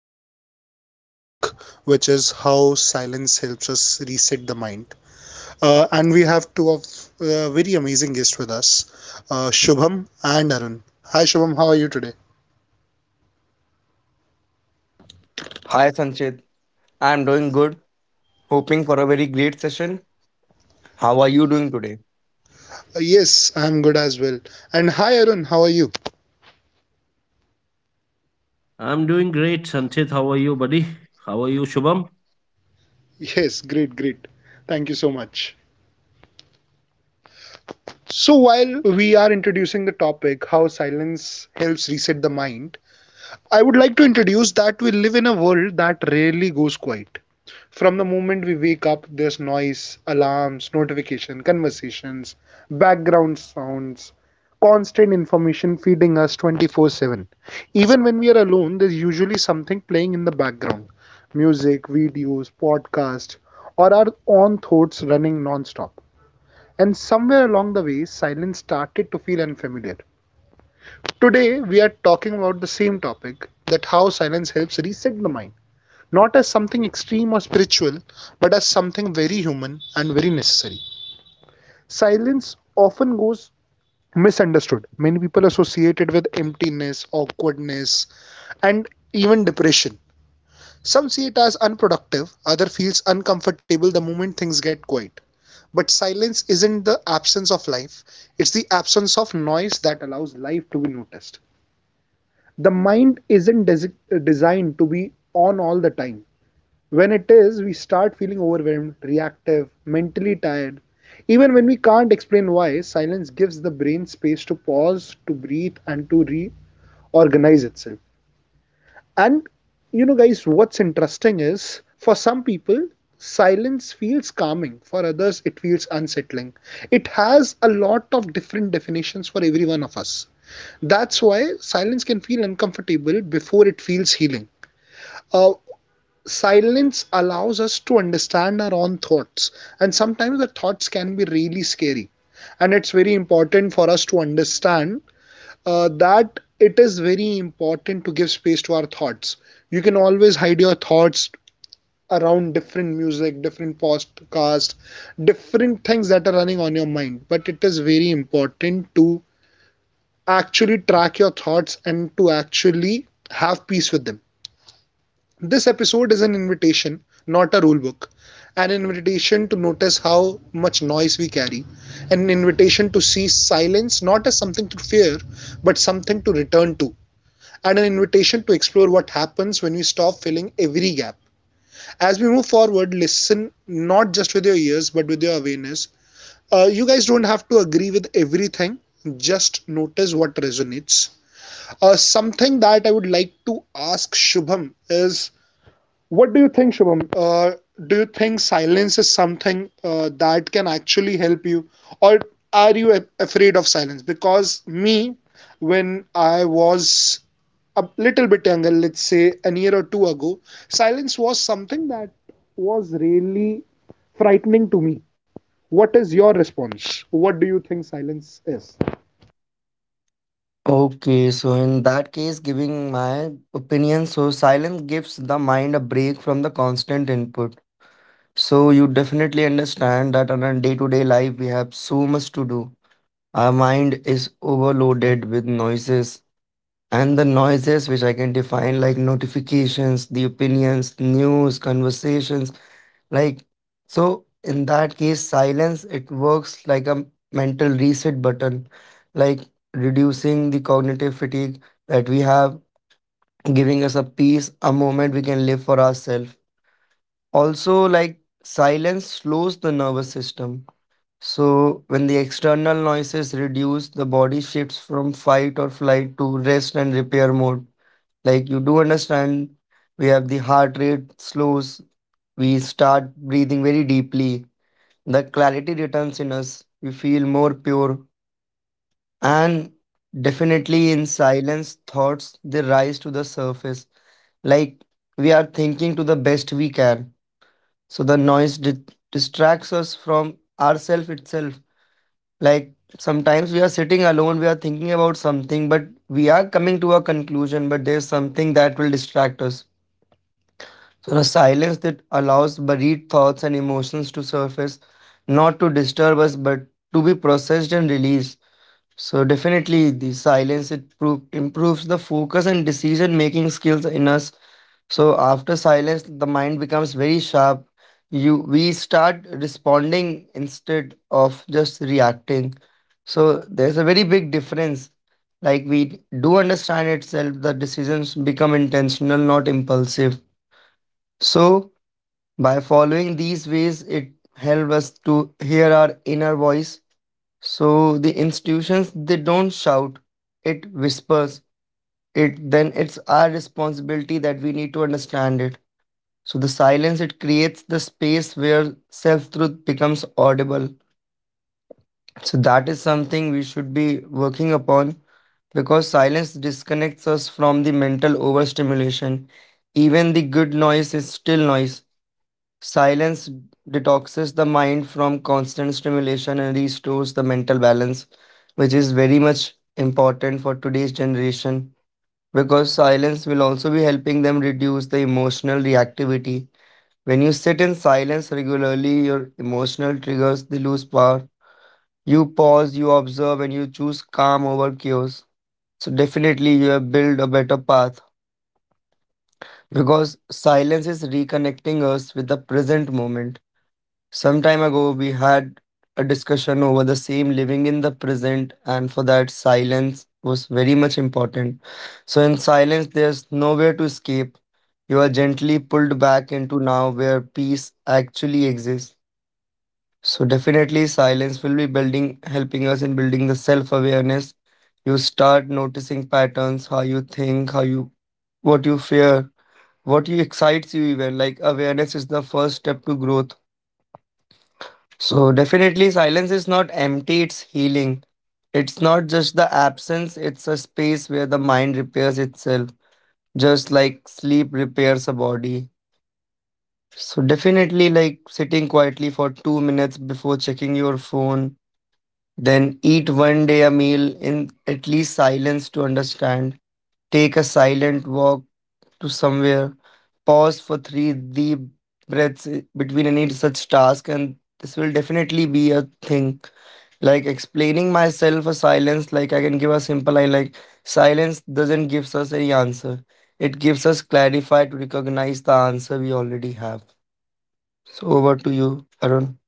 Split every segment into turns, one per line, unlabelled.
a really interesting topic, which is how silence helps us reset the mind. And we have two of very amazing guests with us, Shubham and Arun. Hi, Shubham. How are you today?
Hi Sanchit, I'm doing good. Hoping for a very great session. How are you doing today?
Yes, I'm good as well. And hi, Arun. How are you?
I'm doing great, Sanchit. How are you, buddy? How are you, Shubham?
Yes, great. Thank you so much. So, while we are introducing the topic, how silence helps reset the mind, I would like to introduce that we live in a world that rarely goes quiet. From the moment we wake up, there's noise, alarms, notification, conversations, background sounds, constant information feeding us 24/7. Even when we are alone, there's usually something playing in the background. Music, videos, podcasts, or our own thoughts running non-stop. And somewhere along the way, silence started to feel unfamiliar. Today, we are talking about the same topic that how silence helps reset the mind not as something extreme or spiritual, but as something very human and very necessary. Silence often goes misunderstood. Many people associate it with emptiness, awkwardness, and even depression. Some see it as unproductive, other feels uncomfortable the moment things get quiet. But silence isn't the absence of life, it's the absence of noise that allows life to be noticed. The mind isn't designed to be on all the time. When it is, we start feeling overwhelmed, reactive, mentally tired. Even when we can't explain why, silence gives the brain space to pause, to breathe, and to reorganize itself. And you know, guys, what's interesting is for some people, silence feels calming, for others, it feels unsettling. It has a lot of different definitions for every one of us. That's why silence can feel uncomfortable before it feels healing. Uh, Silence allows us to understand our own thoughts, and sometimes the thoughts can be really scary, and it's very important for us to understand that it is very important to give space to our thoughts. You can always hide your thoughts around different music, different podcasts, different things that are running on your mind, but it is very important to actually track your thoughts and to actually have peace with them. This episode is an invitation, not a rule book. An invitation to notice how much noise we carry. An invitation to see silence not as something to fear, but something to return to. And an invitation to explore what happens when we stop filling every gap. As we move forward, listen not just with your ears, but with your awareness. You guys don't have to agree with everything, just notice what resonates. Something that I would like to ask Shubham is, what do you think, Shubham? Do you think silence is something that can actually help you, or are you afraid of silence? Because me, when I was a little bit younger, let's say a year or two ago, silence was something that was really frightening to me. What is your response? What do you think silence is?
Okay, so in that case, giving my opinion, so silence gives the mind a break from the constant input. So you definitely understand that on a day-to-day life we have so much to do. Our mind is overloaded with noises and the noises which I can define like notifications, the opinions, news, conversations, like so in that case silence it works like a mental reset button like reducing the cognitive fatigue that we have giving us a peace a moment we can live for ourselves also like silence slows the nervous system so when the external noises reduce the body shifts from fight or flight to rest and repair mode like you do understand, we have the heart rate slows, we start breathing very deeply, the clarity returns in us, we feel more pure, and definitely in silence, thoughts they rise to the surface. Like we are thinking to the best we can. So the distracts us from ourself itself. Like sometimes we are sitting alone, we are thinking about something, but we are coming to a conclusion, but there's something that will distract us. So a silence that allows buried thoughts and emotions to surface, not to disturb us, but to be processed and released. So definitely, the silence it improves the focus and decision making skills in us. So after silence, the mind becomes very sharp. You we start responding instead of just reacting. So there's a very big difference. Like we do understand itself, the decisions become intentional, not impulsive. So by following these ways, it helps us to hear our inner voice. So the institutions they don't shout, it whispers. It then it's our responsibility that we need to understand it. So the silence it creates the space where self-truth becomes audible. So that is something we should be working upon because silence disconnects us from the mental overstimulation. Even the good noise is still noise. Silence detoxes the mind from constant stimulation and restores the mental balance, which is very much important for today's generation because silence will also be helping them reduce the emotional reactivity. When you sit in silence regularly, your emotional triggers they lose power. You pause, you observe, and you choose calm over chaos. So definitely you have built a better path because silence is reconnecting us with the present moment. Some time ago, we had a discussion over the same living in the present, and for that, silence was very much important. So, in silence, there's nowhere to escape. You are gently pulled back into now where peace actually exists. So, definitely, silence will be helping us in building the self awareness. You start noticing patterns, how you think, how what you fear, what you excites you, even. Like, awareness is the first step to growth so definitely silence is not empty, it's healing. It's not just the absence, it's a space where the mind repairs itself, just like sleep repairs a body. So definitely like sitting quietly for 2 minutes before checking your phone, then eat one day a meal in at least silence to understand. Take a silent walk to somewhere, pause for 3 deep breaths between any such task and this will definitely be a thing like explaining myself a silence, like I can give a simple line like silence doesn't gives us any answer. It gives us clarify to recognize the answer we already have. So over to you, Arun.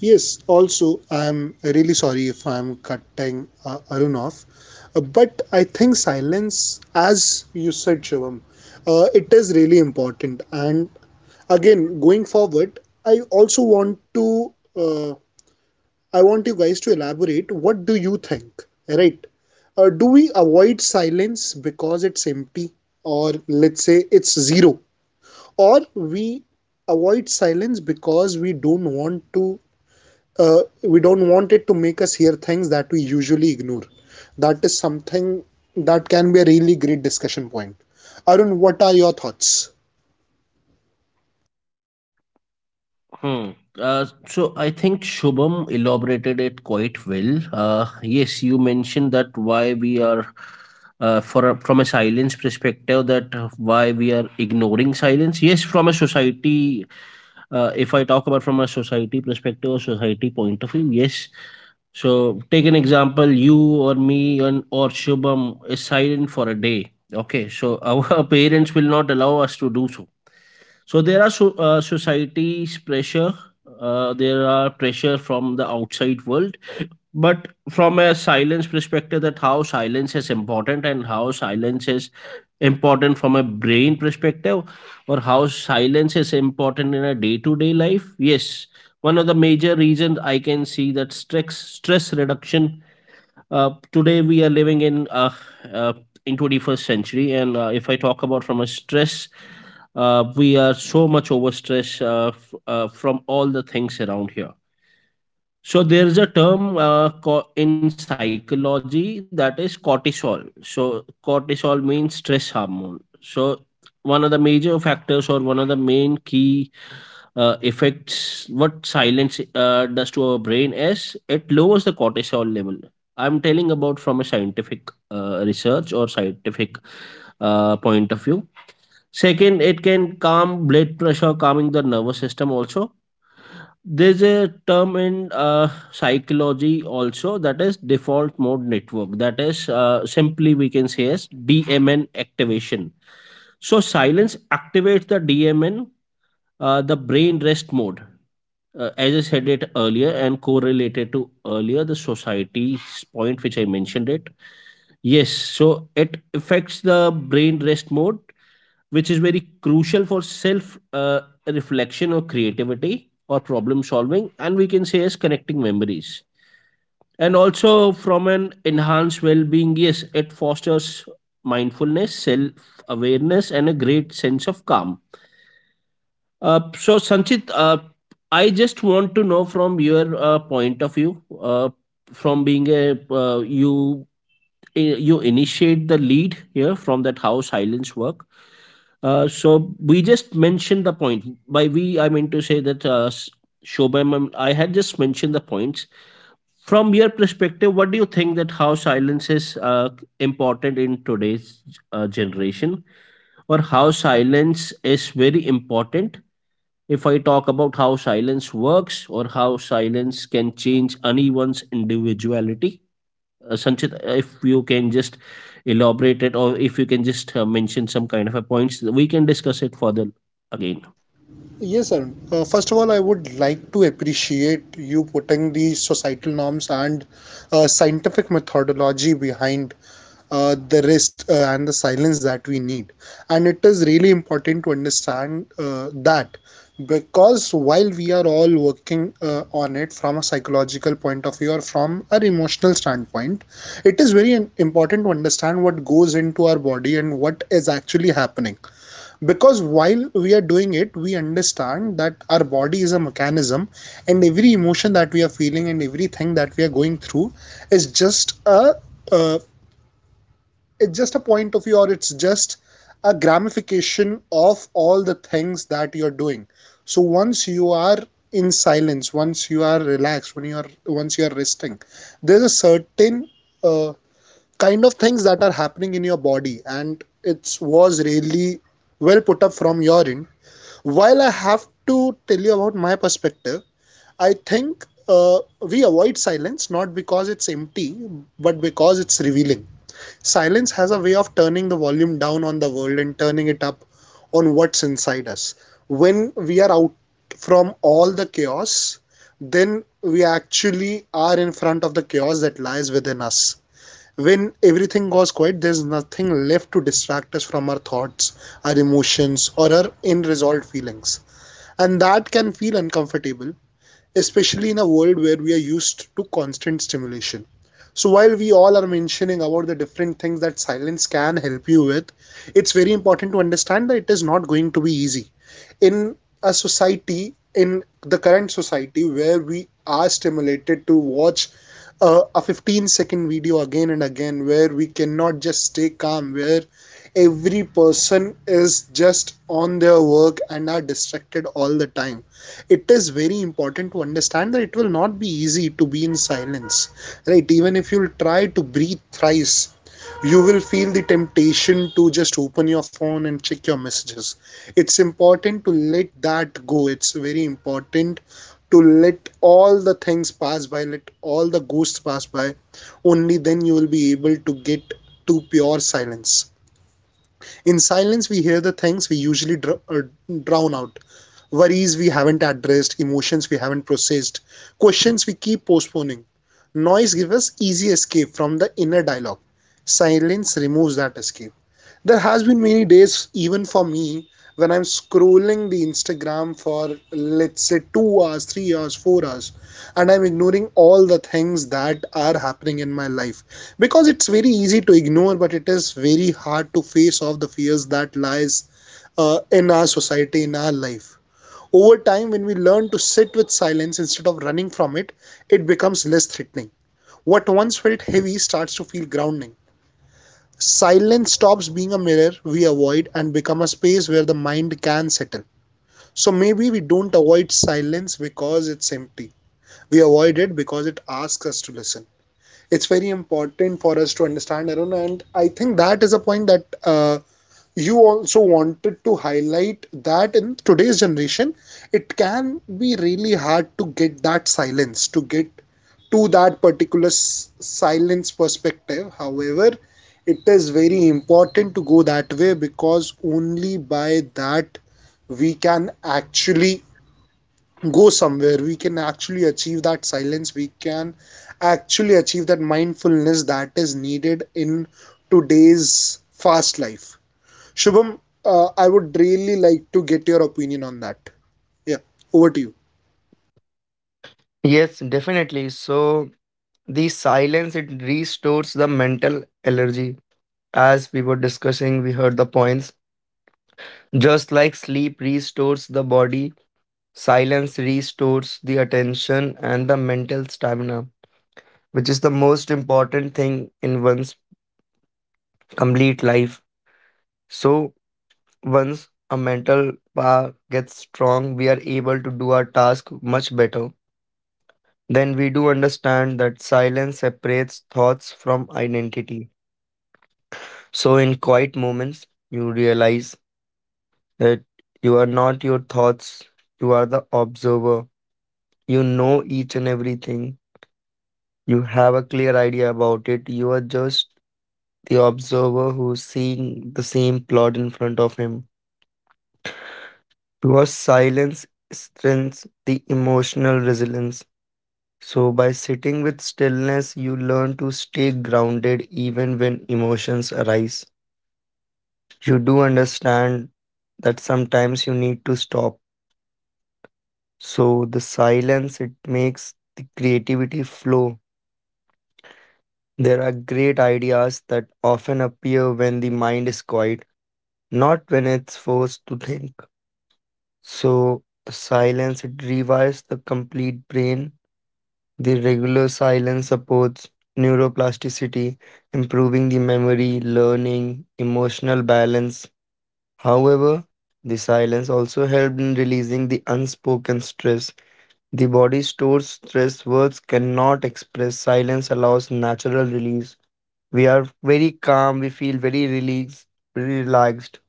Yes, also, I'm really sorry if I'm cutting Arun off, but I think silence, as you said, Shivam, it is really important. And again, going forward, I also want to, I want you guys to elaborate. What do you think? Right? Do we avoid silence because it's empty, or let's say it's zero, or we avoid silence because we don't want to we don't want it to make us hear things that we usually ignore. That is something that can be a really great discussion point. Arun, what are your thoughts?
Hmm. So I think Shubham elaborated it quite well. Yes, you mentioned that why we are, for a, from a silence perspective, that why we are ignoring silence. Yes, from a society If I talk about from a society perspective or society point of view, yes. So take an example, you or me and or Shubham is silent for a day. Okay, so our parents will not allow us to do so. So there are society's pressure. There are pressure from the outside world, but from a silence perspective, that how silence is important and how silence is important from a brain perspective, or how silence is important in a day-to-day life. Yes, one of the major reasons I can see , that stress reduction. Today we are living uh, in 21st century, and if I talk about from a stress, we are so much overstressed, from all the things around here. So there's a term, in psychology, that is cortisol. So cortisol means stress hormone. So one of the major factors, or one of the main key effects what silence does to our brain is it lowers the cortisol level. I'm telling about from a scientific research, or scientific point of view. Second, it can calm blood pressure, calming the nervous system also. There's a term in psychology also, that is default mode network. That is simply we can say as DMN activation. So silence activates the DMN, the brain rest mode. As I said it earlier and correlated to earlier the society's point which I mentioned it. Yes, so it affects the brain rest mode, which is very crucial for self reflection, or creativity, or problem solving, and we can say as connecting memories, and also from an enhanced well-being. Yes, it fosters mindfulness, self-awareness, and a great sense of calm. Uh, so sanchit uh, I just want to know from your point of view, uh, from being a uh, you I- you initiate the lead here from that how silence work. So we just mentioned the point. By we, I mean to say that Shobham, I had just mentioned the points. From your perspective, what do you think, that how silence is uh, important in today's generation, or how silence is very important, if I talk about how silence works or how silence can change anyone's individuality? Sanchit, if you can just elaborate it, or if you can just mention some kind of a points, we can discuss it further again.
Yes, sir. First of all, I would like to appreciate you putting the societal norms and scientific methodology behind the rest and the silence that we need. And it is really important to understand that because while we are all working on it from a psychological point of view or from an emotional standpoint, it is very important to understand what goes into our body and what is actually happening, because while we are doing it, we understand that our body is a mechanism and every emotion that we are feeling and everything that we are going through is just a uh, it's just a point of view, or it's just a gamification of all the things that you're doing. So once you are in silence, once you are relaxed, when you are once you are resting, there's a certain uh, kind of things that are happening in your body, and it was really well put up from your end. While I have to tell you about my perspective, I think we avoid silence not because it's empty, but because it's revealing. Silence has a way of turning the volume down on the world and turning it up on what's inside us. When we are out from all the chaos, then we actually are in front of the chaos that lies within us. When everything goes quiet, there's nothing left to distract us from our thoughts, our emotions, or our unresolved feelings. And that can feel uncomfortable, especially in a world where we are used to constant stimulation. So while we all are mentioning about the different things that silence can help you with, it's very important to understand that it is not going to be easy. In a society, in the current society where we are stimulated to watch a 15-second video again and again, where we cannot just stay calm, where every person is just on their work and are distracted all the time, it is very important to understand that it will not be easy to be in silence, right? Even if you try to breathe thrice, you will feel the temptation to just open your phone and check your messages. It's important to let that go. It's very important to let all the things pass by, let all the ghosts pass by. Only then you will be able to get to pure silence. In silence, we hear the things we usually drown out, worries we haven't addressed, emotions we haven't processed, questions we keep postponing. Noise gives us easy escape from the inner dialogue. Silence removes that escape. There has been many days, even for me, when I'm scrolling the Instagram for, let's say, 2 hours, 3 hours, 4 hours, and I'm ignoring all the things that are happening in my life. Because it's very easy to ignore, but it is very hard to face off the fears that lies in our society, in our life. Over time, when we learn to sit with silence instead of running from it, it becomes less threatening. What once felt heavy starts to feel grounding. Silence stops being a mirror we avoid and become a space where the mind can settle. So maybe we don't avoid silence because it's empty, we avoid it because it asks us to listen. It's very important for us to understand, Arun, and I think that is a point that you also wanted to highlight, that in today's generation, it can be really hard to get that silence, to get to that particular silence perspective. However, it is very important to go that way because only by that we can actually go somewhere, we can actually achieve that silence, we can actually achieve that mindfulness that is needed in today's fast life. Shubham, I would really like to get your opinion on that. Yeah, over to you.
Yes, definitely. So the silence it restores the mental energy. As we were discussing, we heard the points. Just like sleep restores the body, silence restores the attention and the mental stamina, which is the most important thing in one's complete life. So once a mental power gets strong, we are able to do our task much better. Then we do understand that silence separates thoughts from identity. So in quiet moments, you realize that you are not your thoughts, you are the observer. You know each and everything. You have a clear idea about it. You are just the observer who's seeing the same plot in front of him. Because silence strengthens the emotional resilience. So, by sitting with stillness, you learn to stay grounded even when emotions arise. You do understand that sometimes you need to stop. So, the silence it makes the creativity flow. There are great ideas that often appear when the mind is quiet, not when it's forced to think. So, the silence it rewires the complete brain. The regular silence supports neuroplasticity, improving the memory, learning, emotional balance. However, the silence also helped in releasing the unspoken stress. The body stores stress words cannot express. Silence allows natural release. We are very calm, we feel very released, very relaxed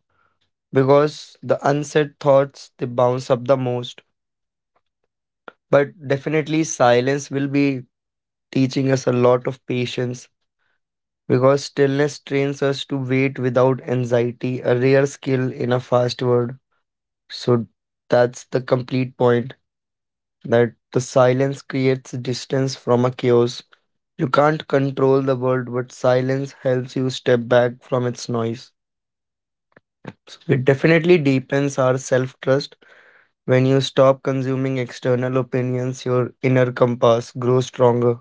because the unsaid thoughts they bounce up the most. But definitely, silence will be teaching us a lot of patience because stillness trains us to wait without anxiety, a rare skill in a fast world. So that's the complete point that the silence creates distance from a chaos. You can't control the world, but silence helps you step back from its noise. It definitely deepens our self trust. When you stop consuming external opinions, your inner compass grows stronger.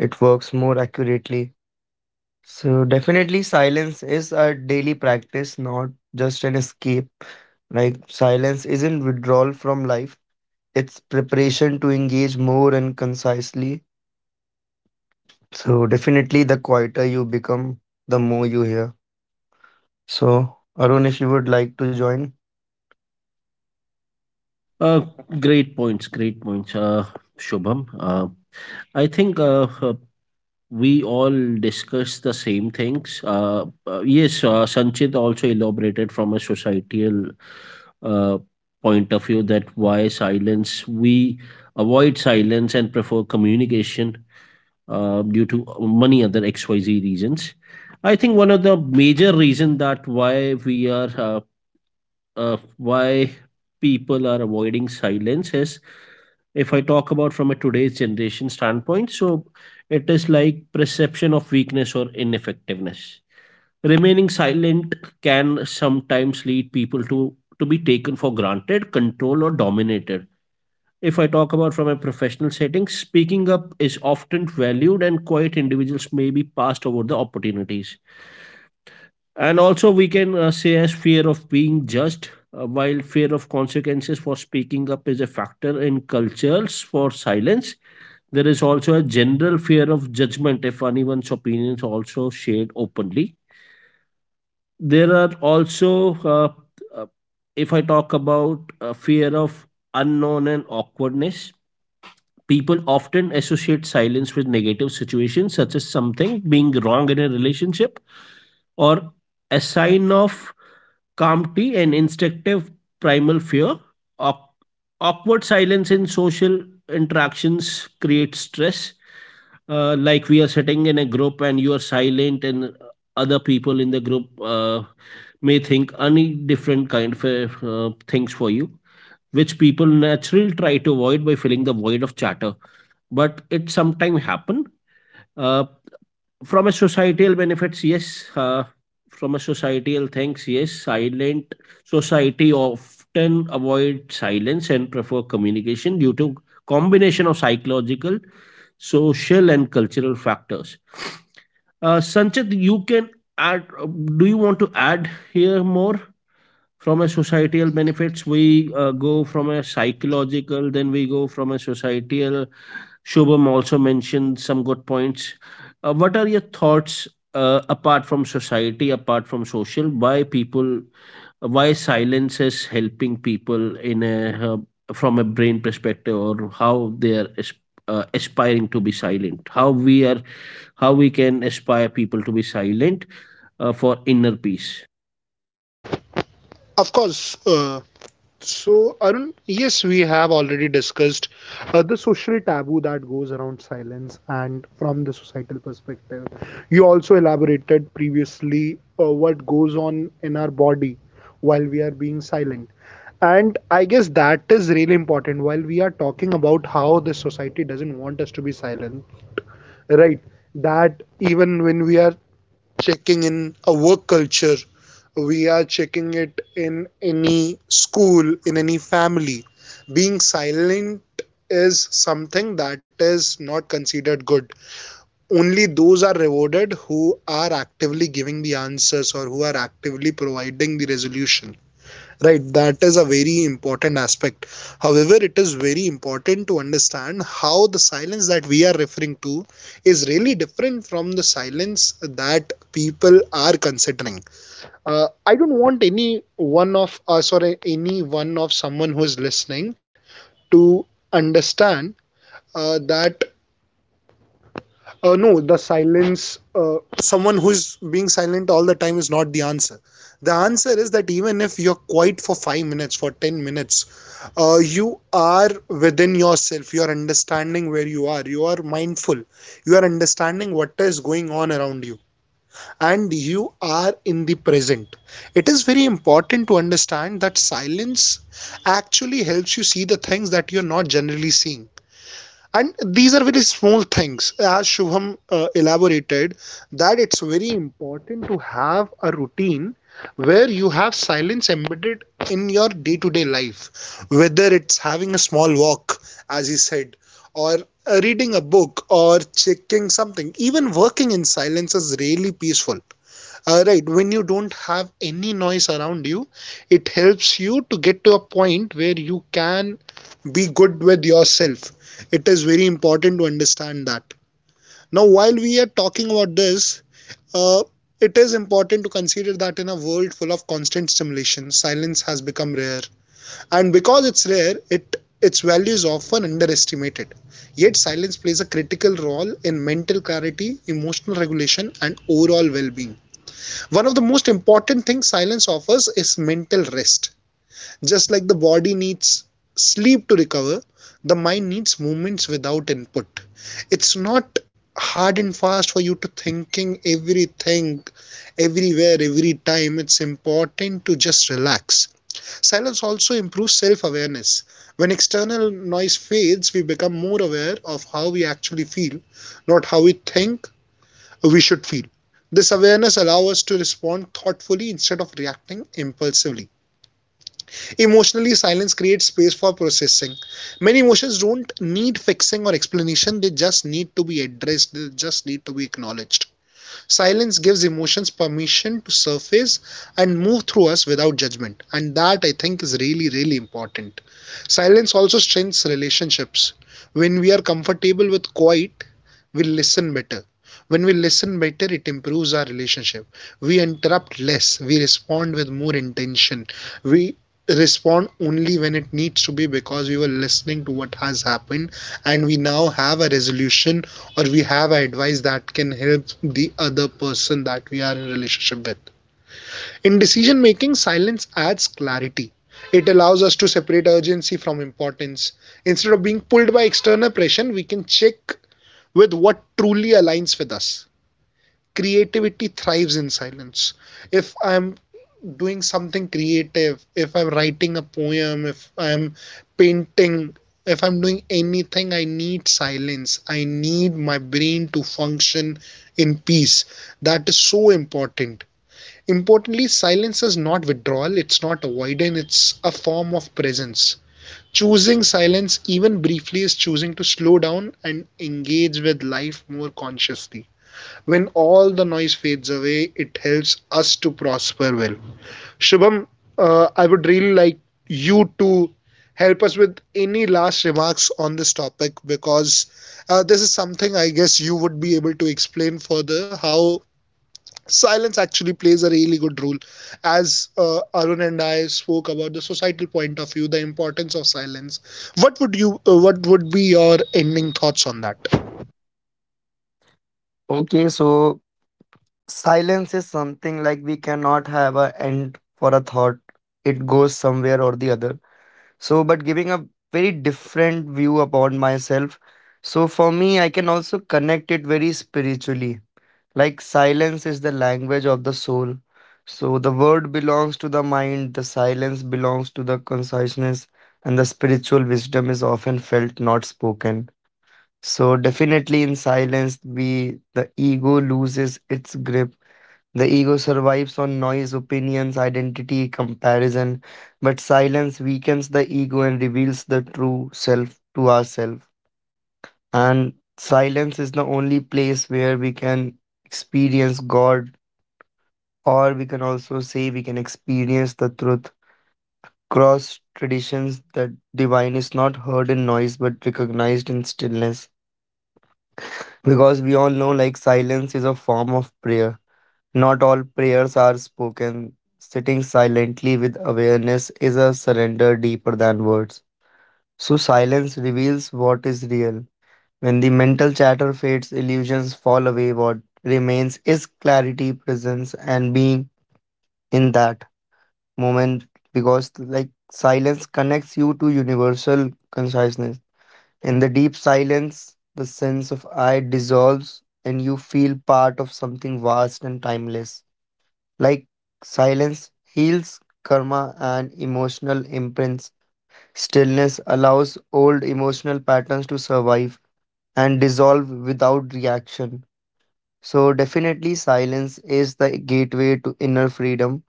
It works more accurately. So, definitely, silence is a daily practice, not just an escape. Like, silence isn't withdrawal from life, it's preparation to engage more and concisely. So, definitely, the quieter you become, the more you hear. So, Arun, if you would like to join.
Uh, great points, great points, Shubham. I think we all discuss the same things. Yes, Sanchit also elaborated from a societal uh, point of view, that why silence, we avoid silence and prefer communication due to many other XYZ reasons. I think one of the major reason that why we are why people are avoiding silence is, if I talk about from a today's generation standpoint, so it is like perception of weakness or ineffectiveness. Remaining silent can sometimes lead people to be taken for granted, controlled, or dominated. If I talk about from a professional setting, speaking up is often valued, and quiet individuals may be passed over the opportunities. And also, we can say as fear of being judged. While fear of consequences for speaking up is a factor in cultures for silence, there is also a general fear of judgment if anyone's opinions also shared openly. There are also, uh, if I talk about fear of unknown and awkwardness, people often associate silence with negative situations, such as something being wrong in a relationship, or a sign of calmty and instinctive primal fear. Awk- Awkward silence in social interactions creates stress. Like, we are sitting in a group and you are silent, and other people in the group may think any different kind of things for you, which people naturally try to avoid by filling the void of chatter, but it sometimes happen. Uh, from a societal benefits, yes, uh, from a societal things, yes, silent society often avoid silence and prefer communication due to combination of psychological, social, and cultural factors. Sanchit, you can add, do you want to add here more? From a societal benefits, we go from a psychological, then we go from a societal. Shobham also mentioned some good points. What are your thoughts apart from society, apart from social? Why people? Why silence is helping people in a, uh, from a brain perspective? Or how they are aspiring to be silent? How we are? How we can aspire people to be silent for inner peace?
Of course. So, Arun, yes, we have already discussed the social taboo that goes around silence and from the societal perspective. You also elaborated previously what goes on in our body while we are being silent. And I guess that is really important while we are talking about how the society doesn't want us to be silent, right? That even when we are checking in a work culture, we are checking it in any school, in any family. Being silent is something that is not considered good. Only those are rewarded who are actively giving the answers or who are actively providing the resolution. Right, that is a very important aspect. However, it is very important to understand how the silence that we are referring to is really different from the silence that people are considering. I don't want any one of us or any one of someone who is listening to understand that no, the silence, someone who's being silent all the time is not the answer. The answer is that even if you're quiet for 5 minutes, for 10 minutes, you are within yourself. You are understanding where you are. You are mindful. You are understanding what is going on around you. And you are in the present. It is very important to understand that silence actually helps you see the things that you're not generally seeing, and these are very small things. As Shubham elaborated, that it's very important to have a routine where you have silence embedded in your day-to-day life, whether it's having a small walk, as he said, or reading a book or checking something. Even working in silence is really peaceful, right, when you don't have any noise around you. It helps you to get to a point where you can be good with yourself. It is very important to understand that. Now, while we are talking about this, uh, it is important to consider that in a world full of constant stimulation, silence has become rare, and because it's rare, it its value is often underestimated. Yet silence plays a critical role in mental clarity, emotional regulation, and overall well-being. One of the most important things silence offers is mental rest. Just like the body needs sleep to recover, the mind needs movements without input. It's not hard and fast for you to thinking everything, everywhere, every time. It's important to just relax. Silence also improves self awareness. When external noise fades, we become more aware of how we actually feel, not how we think we should feel. This awareness allows us to respond thoughtfully instead of reacting impulsively. Emotionally, silence creates space for processing. Many emotions don't need fixing or explanation, they just need to be addressed, they just need to be acknowledged. Silence gives emotions permission to surface and move through us without judgment, and that I think is really, really important. Silence also strengthens relationships. When we are comfortable with quiet, we listen better. When we listen better, it improves our relationship. We interrupt less, we respond with more intention. We respond only when it needs to be, because we were listening to what has happened, and we now have a resolution, or we have advice that can help the other person that we are in relationship with. In decision making, silence adds clarity. It allows us to separate urgency from importance. Instead of being pulled by external pressure, we can check with what truly aligns with us. Creativity thrives in silence. If I'm doing something creative, if I'm writing a poem, if I'm painting, if I'm doing anything, I need silence. I need my brain to function in peace. That is so important. Importantly, silence is not withdrawal, it's not avoidance, it's a form of presence. Choosing silence, even briefly, is choosing to slow down and engage with life more consciously. When all the noise fades away, it helps us to prosper well. Shubham, I would really like you to help us with any last remarks on this topic, because this is something I guess you would be able to explain further, how silence actually plays a really good role. As Arun and I spoke about the societal point of view, the importance of silence. What would you? What would be your ending thoughts on that?
Okay, so silence is something like we cannot have a end for a thought, it goes somewhere or the other. So, but giving a very different view upon myself. So, for me, I can also connect it very spiritually. Like, silence is the language of the soul. So, the word belongs to the mind, the silence belongs to the conciseness, and the spiritual wisdom is often felt, not spoken. So, definitely in silence, the ego loses its grip. The ego survives on noise, opinions, identity, comparison, but silence weakens the ego and reveals the true self to ourselves. And silence is the only place where we can experience God, or we can also say we can experience the truth. Cross traditions, the divine is not heard in noise but recognized in stillness. Because we all know, like, silence is a form of prayer. Not all prayers are spoken. Sitting silently with awareness is a surrender deeper than words. So, silence reveals what is real. When the mental chatter fades, illusions fall away. What remains is clarity, presence, and being in that moment because, like, silence connects you to universal conciseness. In the deep silence, the sense of I dissolves and you feel part of something vast and timeless like silence heals karma and emotional imprints. Stillness allows old emotional patterns to survive and dissolve without reaction. So, definitely, silence is the gateway to inner freedom.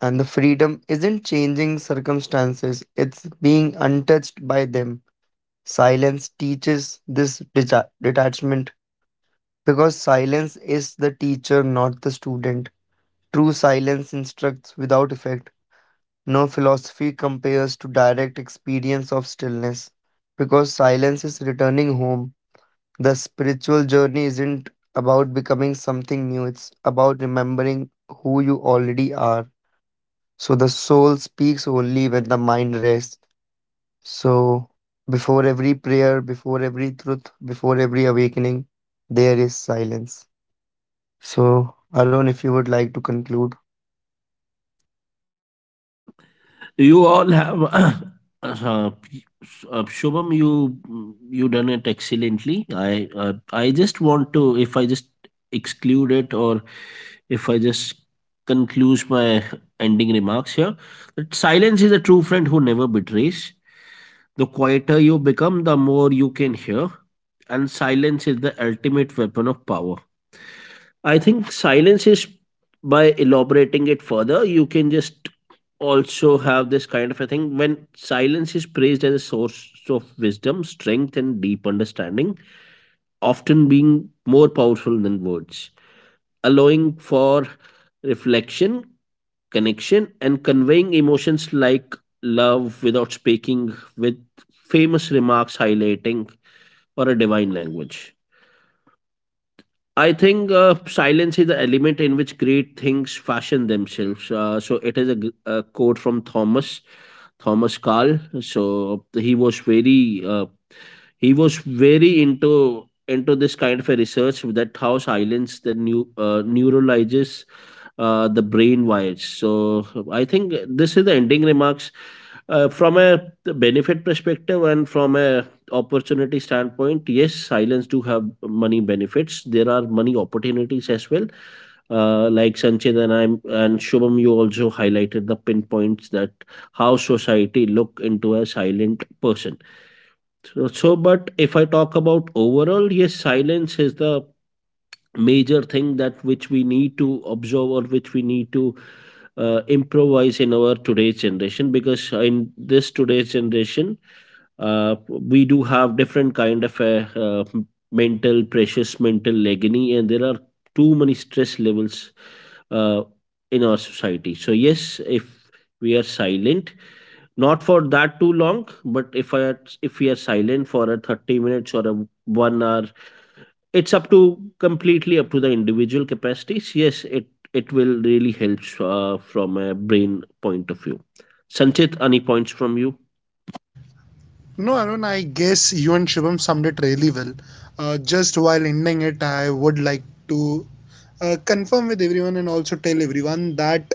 And the freedom isn't changing circumstances, it's being untouched by them. Silence teaches this detachment because silence is the teacher, not the student. True silence instructs without effect. No philosophy compares to direct experience of stillness because silence is returning home. The spiritual journey isn't about becoming something new, it's about remembering who you already are. So the soul speaks only when the mind rests. So before every prayer, before every truth, before every awakening, there is silence. So, Arun, if you would like to conclude.
You all have Shubham, you done it excellently. I just want to, if I just exclude it, or if I just conclude my ending remarks here, that silence is a true friend who never betrays. The quieter you become, the more you can hear, and silence is the ultimate weapon of power. I think silence is, by elaborating it further, you can just also have this kind of a thing, when silence is praised as a source of wisdom, strength, and deep understanding, often being more powerful than words, allowing for reflection, connection, and conveying emotions like love without speaking, with famous remarks highlighting or a divine language. I think silence is the element in which great things fashion themselves. So it is a, a quote from Thomas Carl. So he was very into this kind of a research, that how silence the new neuralizes the brain wires. So I think this is the ending remarks, from a benefit perspective and from a opportunity standpoint. Yes, silence do have money benefits. There are money opportunities as well. Like Sanchit and I and Shubham, you also highlighted the pinpoints that how society look into a silent person. But if I talk about overall, yes, silence is the major thing that which we need to observe, or which we need to improvise in our today's generation, because in this today's generation, we do have different kind of a, mental precious mental agony, and there are too many stress levels uh, in our society. So yes, if we are silent, not for that too long, but if we are silent for a 30 minutes or a 1 hour, it's up to completely up to the individual capacities. Yes, it will really help from a brain point of view. Sanchit, any points from you?
No, Arun, I guess you and Shubham summed it really well. Just while ending it, I would like to confirm with everyone and also tell everyone that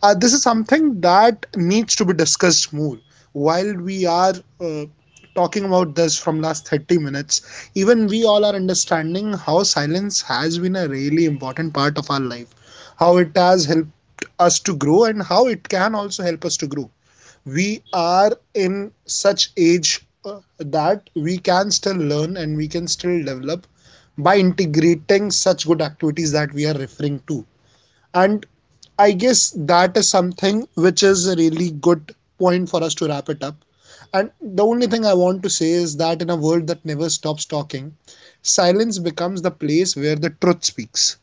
this is something that needs to be discussed more. While we are uh, talking about this from last 30 minutes, even we all are understanding how silence has been a really important part of our life, how it has helped us to grow, and how it can also help us to grow. We are in such age that we can still learn and we can still develop by integrating such good activities that we are referring to, and I guess that is something which is a really good point for us to wrap it up. And the only thing I want to say is that in a world that never stops talking, silence becomes the place where the truth speaks,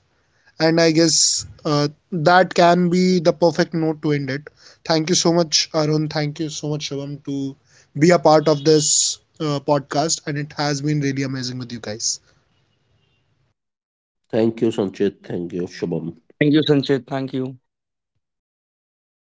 and I guess that can be the perfect note to end it. Thank you so much, Arun. Thank you so much, Shivam, to be a part of this podcast. And it has been really amazing with you guys.
Thank you, Sanchit. Thank you, Shubham.
Thank you, Sanchit. Thank you.